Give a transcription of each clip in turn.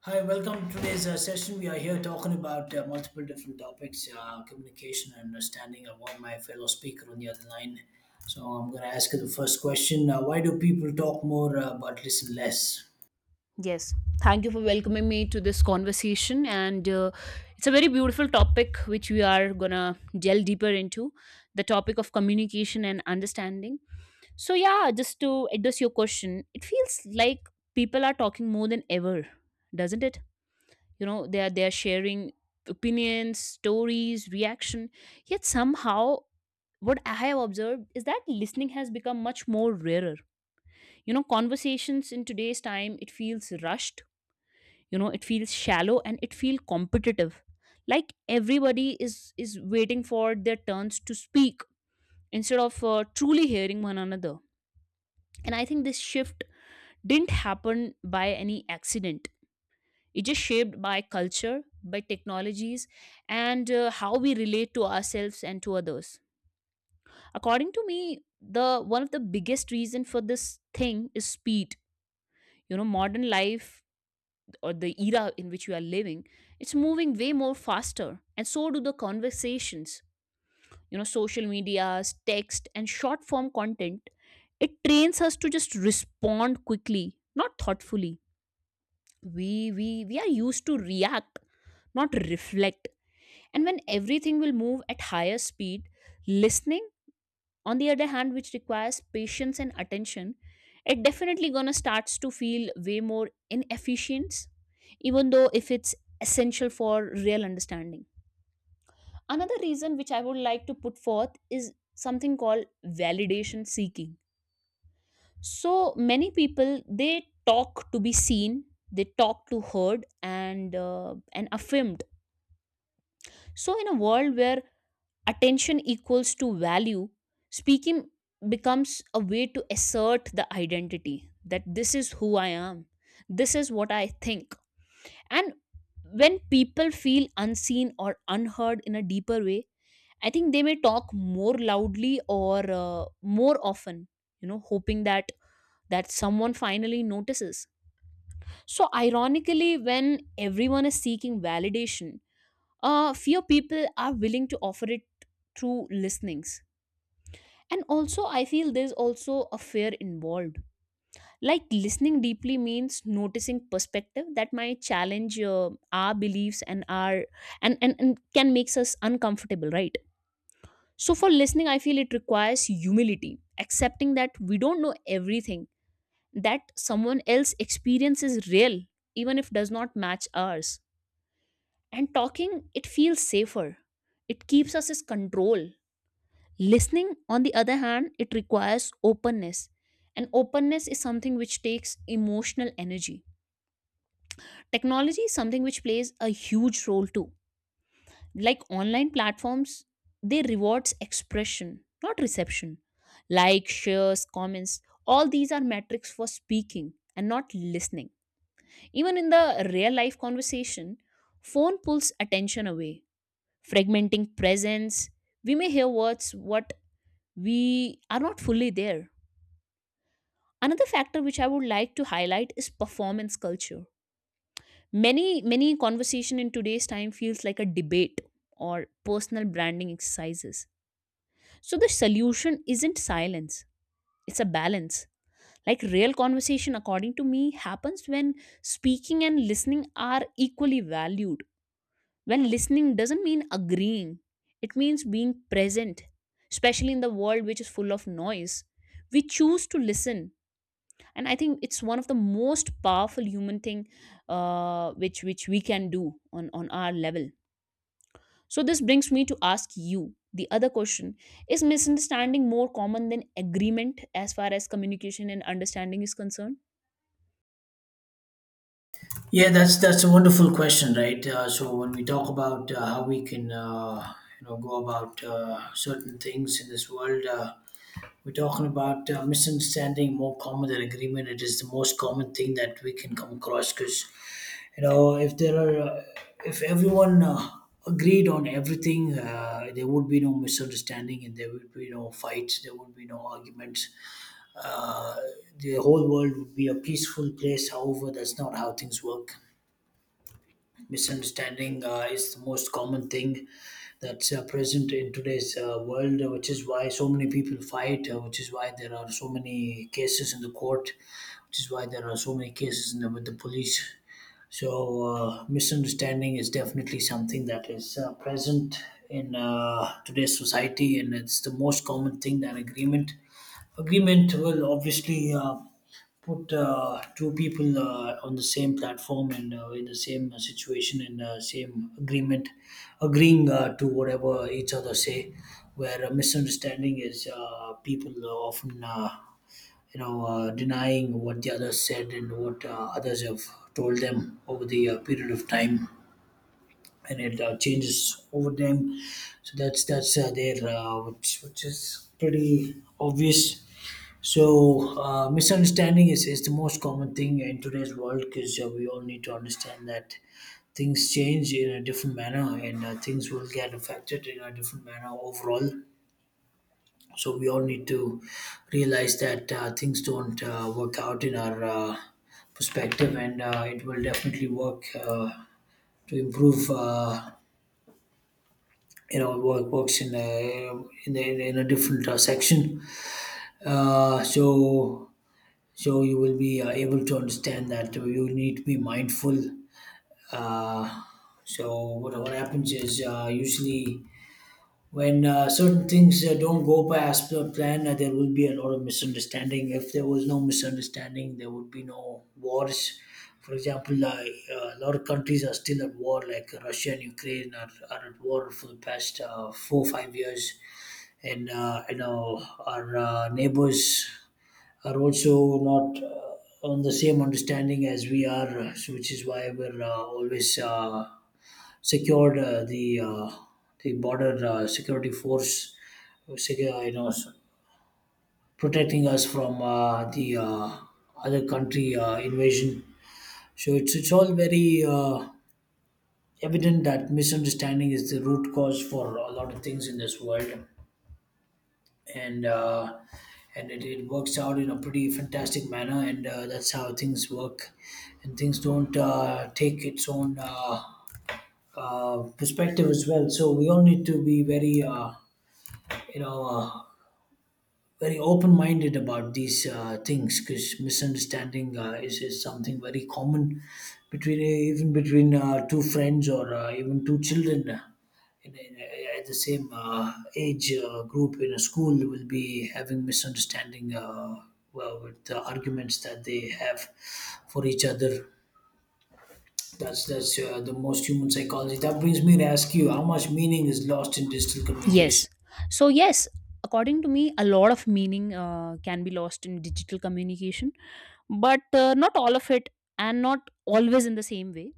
Hi, welcome to today's session. We are here talking about multiple different topics communication and understanding. I have got my fellow speaker on the other line. So I'm going to ask you the first question why do people talk more but listen less? Yes. Thank you for welcoming me to this conversation. And It's a very beautiful topic, which we are going to delve deeper into the topic of communication and understanding. So, yeah, just to address your question, it feels like people are talking more than ever, doesn't it? You know, they are sharing opinions, stories, reaction. Yet, somehow, what I have observed is that listening has become much more rarer. You know, conversations in today's time, it feels rushed, you know, it feels shallow and it feels competitive, like everybody is waiting for their turns to speak instead of truly hearing one another. And I think this shift didn't happen by any accident. It just shaped by culture, by technologies, and how we relate to ourselves and to others. According to me, the one of the biggest reason for this thing is speed. You know, modern life or the era in which we are living, it's moving way more faster, and so do the conversations. You know, social medias, text, and short form content, it trains us to just respond quickly, not thoughtfully. We we we are used to react, not reflect. And when everything will move at higher speed, listening, on the other hand, which requires patience and attention, it definitely gonna starts to feel way more inefficient, even though if it's essential for real understanding. Another reason which I would like to put forth is something called validation seeking. So many people, they talk to be seen, they talk to heard, and affirmed. So in a world where attention equals to value, speaking becomes a way to assert the identity, that this is who I am, this is what I think. And when people feel unseen or unheard in a deeper way, I think they may talk more loudly or more often, hoping that someone finally notices. So ironically, when everyone is seeking validation, few people are willing to offer it through listenings. And also I feel there's also a fear involved. Like listening deeply means noticing perspective that might challenge our beliefs and our, and can makes us uncomfortable, right? So for listening, I feel it requires humility, accepting that we don't know everything, that someone else experience is real, even if does not match ours. And talking, it feels safer, it keeps us as control. Listening, on the other hand, it requires openness. And openness is something which takes emotional energy. Technology is something which plays a huge role too. Like online platforms, they rewards expression, not reception. Like shares, comments, all these are metrics for speaking and not listening. Even in the real life conversation, phone pulls attention away, fragmenting presence. We may hear words, what we are not fully there. Another factor which I would like to highlight is performance culture. Many many conversation in today's time feels like a debate or personal branding exercises. So the solution isn't silence. It's a balance. Like real conversation according to me happens when speaking and listening are equally valued. When listening doesn't mean agreeing. It means being present, especially in the world which is full of noise. We choose to listen, and I think it's one of the most powerful human thing, which we can do on our level. So this brings me to ask you the other question: is misunderstanding more common than agreement as far as communication and understanding is concerned? Yeah, that's a wonderful question, right? So when we talk about how we can, go about certain things in this world, we're talking about misunderstanding more common than agreement. It is the most common thing that we can come across because you know if there are if everyone agreed on everything, there would be no misunderstanding and there would be no fights. There would be no arguments. Uh, the whole world would be a peaceful place. However, that's not how things work. Misunderstanding is the most common thing that's present in today's world, which is why so many people fight, which is why there are so many cases in the court, which is why there are so many cases in the, with the police. So, misunderstanding is definitely something that is present in today's society, and it's the most common thing that agreement. Agreement will obviously put two people on the same platform and in the same situation and same agreement, agreeing to whatever each other say, where a misunderstanding is, people are often, denying what the others said and what others have told them over the period of time. And it changes over time, so that's there, which is pretty obvious. So, misunderstanding is the most common thing in today's world because we all need to understand that things change in a different manner and things will get affected in a different manner overall. So, we all need to realize that things don't work out in our perspective, and it will definitely work to improve. Work works in a in a different section. Uh, so so you will be able to understand that you need to be mindful. Uh, so what happens is usually when certain things don't go as per plan, there will be a lot of misunderstanding. If there was no misunderstanding there would be no wars. For example, a lot of countries are still at war, like Russia and Ukraine are at war for the past 4-5 years, and you know, our neighbors are also not on the same understanding as we are, so which is why we're always secured the border security force, secure, you know, s- protecting us from the other country invasion. So it's all very evident that misunderstanding is the root cause for a lot of things in this world, and it works out in a pretty fantastic manner, and that's how things work, and things don't take its own perspective as well. So we all need to be very, you know uh, very open-minded about these things because misunderstanding is something very common between, even between, two friends or even two children in, in, at the same age group in a school will be having misunderstanding, well, with the arguments that they have for each other. That's the most human psychology. That brings me to ask you: how much meaning is lost in digital communication? Yes. So yes, according to me, a lot of meaning can be lost in digital communication, but not all of it, and not always in the same way.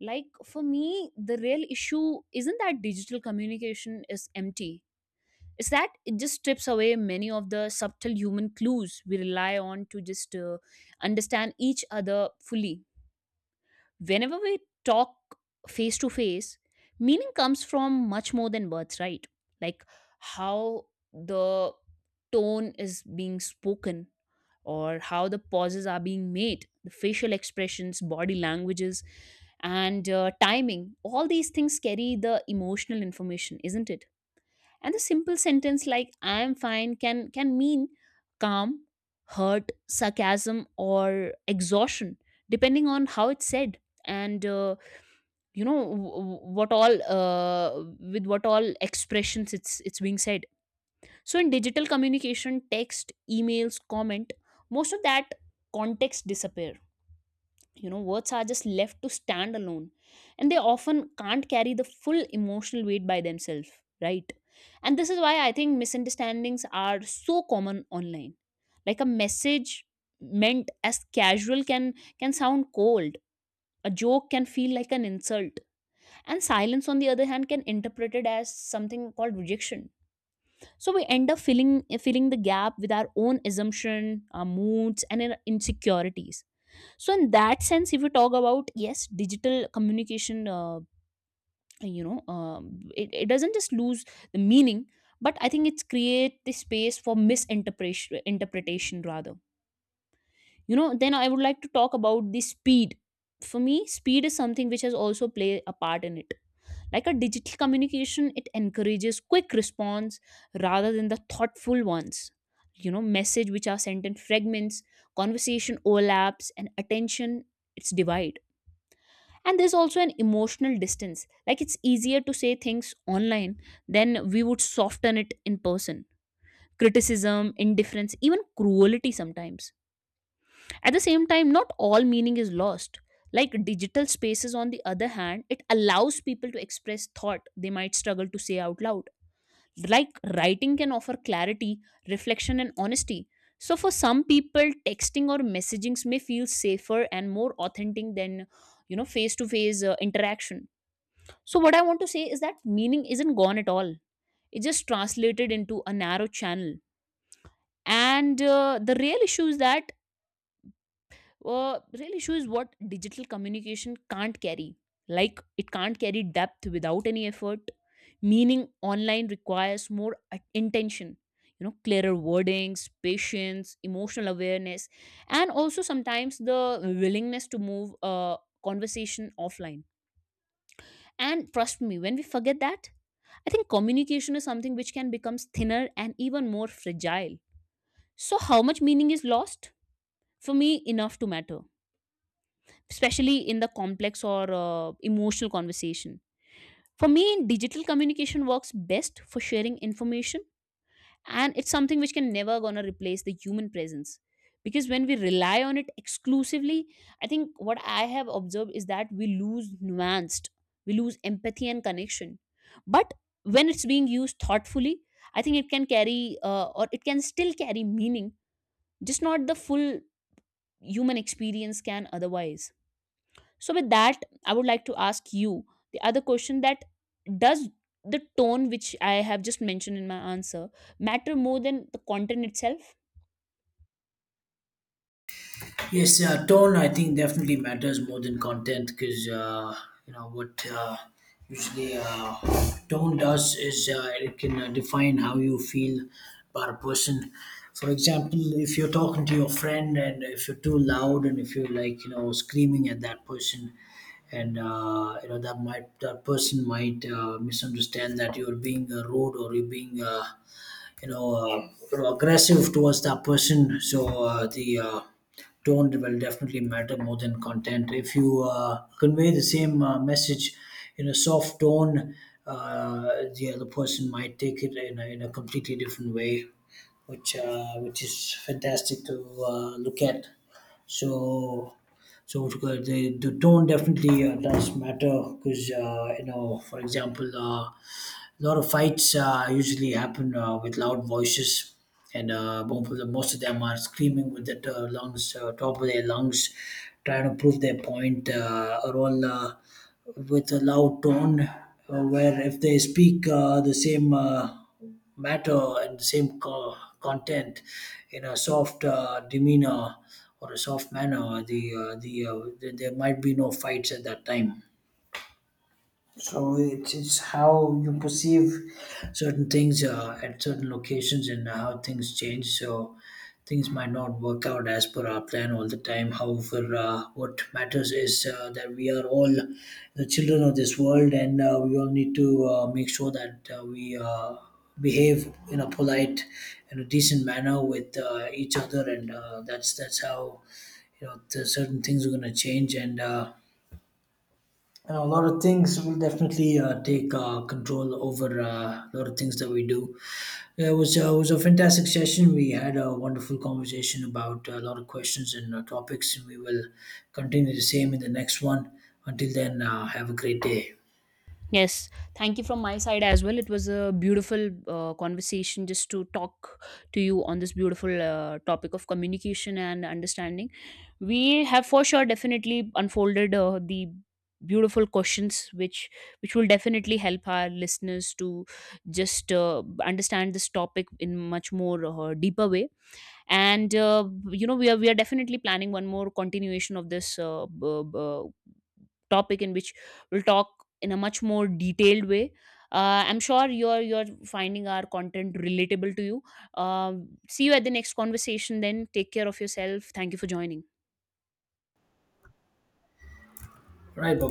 Like for me, the real issue isn't that digital communication is empty. It's that it just strips away many of the subtle human clues we rely on to just understand each other fully. Whenever we talk face to face, meaning comes from much more than words, right? Like how the tone is being spoken or how the pauses are being made, the facial expressions, body languages, and timing. All these things carry the emotional information, isn't it? And a simple sentence like I am fine can mean calm, hurt, sarcasm, or exhaustion, depending on how it's said. And you know w- w- what all With what all expressions it's being said. So in digital communication, text, emails, comment, most of that context disappear. You know, words are just left to stand alone, and they often can't carry the full emotional weight by themselves, right? And this is why I think misunderstandings are so common online. Like a message meant as casual can sound cold, a joke can feel like an insult, and silence on the other hand can interpret it as something called rejection. So we end up filling the gap with our own assumption, our moods, and our insecurities. So in that sense, if you talk about, yes, digital communication, it doesn't just lose the meaning, but I think it's create the space for misinterpretation, interpretation rather. You know, then I would like to talk about the speed. For me, speed is something which has also played a part in it. Like a digital communication, it encourages quick response rather than the thoughtful ones. You know, message which are sent in fragments, conversation overlaps, and attention, it's divided. And there's also an emotional distance. Like it's easier to say things online than we would soften it in person, criticism, indifference, even cruelty sometimes. At the same time, not all meaning is lost. Like digital spaces, on the other hand, it allows people to express thought they might struggle to say out loud. Like writing can offer clarity, reflection, and honesty. So for some people, texting or messagings may feel safer and more authentic than, you know, face to face interaction. So, what I want to say is that meaning isn't gone at all. It's just translated into a narrow channel. And the real issue is that, real issue is what digital communication can't carry. Like, it can't carry depth without any effort. Meaning online requires more intention, you know, clearer wordings, patience, emotional awareness, and also sometimes the willingness to move a conversation offline. And trust me, when we forget that, I think communication is something which can become thinner and even more fragile. So, how much meaning is lost? For me, enough to matter, especially in the complex or emotional conversation. For me, digital communication works best for sharing information, and it's something which can never gonna replace the human presence. Because when we rely on it exclusively, I think what I have observed is that we lose nuanced, we lose empathy and connection. But when it's being used thoughtfully, I think it can carry or it can still carry meaning, just not the full human experience can otherwise. So with that, I would like to ask you the other question, that does the tone which I have just mentioned in my answer matter more than the content itself? Yes, tone I think definitely matters more than content because, you know what usually tone does is it can define how you feel about a person. For example, if you're talking to your friend and if you're too loud and if you're like you know screaming at that person, and you know, that might that person might misunderstand that you're being rude or you're being, aggressive towards that person. So the tone will definitely matter more than content. If you convey the same message in a soft tone, the other person might take it in a completely different way, which, which is fantastic to look at. So so it's good. The tone definitely does matter because, you know, for example, a lot of fights usually happen with loud voices, and most of them are screaming with the lungs, top of their lungs, trying to prove their point, are all with a loud tone, where if they speak the same matter and the same content in a soft demeanor or a soft manner, there might be no fights at that time. So it's how you perceive certain things at certain locations and how things change. So things might not work out as per our plan all the time. However, what matters is that we are all the children of this world, and we all need to make sure that we behave in a polite and a decent manner with each other. And that's how, you know, the certain things are going to change. And you know, a lot of things will definitely take control over a lot of things that we do. It was a fantastic session. We had a wonderful conversation about a lot of questions and topics, and we will continue the same in the next one. Until then, have a great day. Yes, thank you from my side as well. It was a beautiful conversation just to talk to you on this beautiful topic of communication and understanding. We have for sure definitely unfolded the beautiful questions which will definitely help our listeners to just understand this topic in much more deeper way. And you know, we are definitely planning one more continuation of this topic, in which we'll talk in a much more detailed way. I'm sure you're finding our content relatable to you. See you at the next conversation then. Take care of yourself. Thank you for joining. All right, bye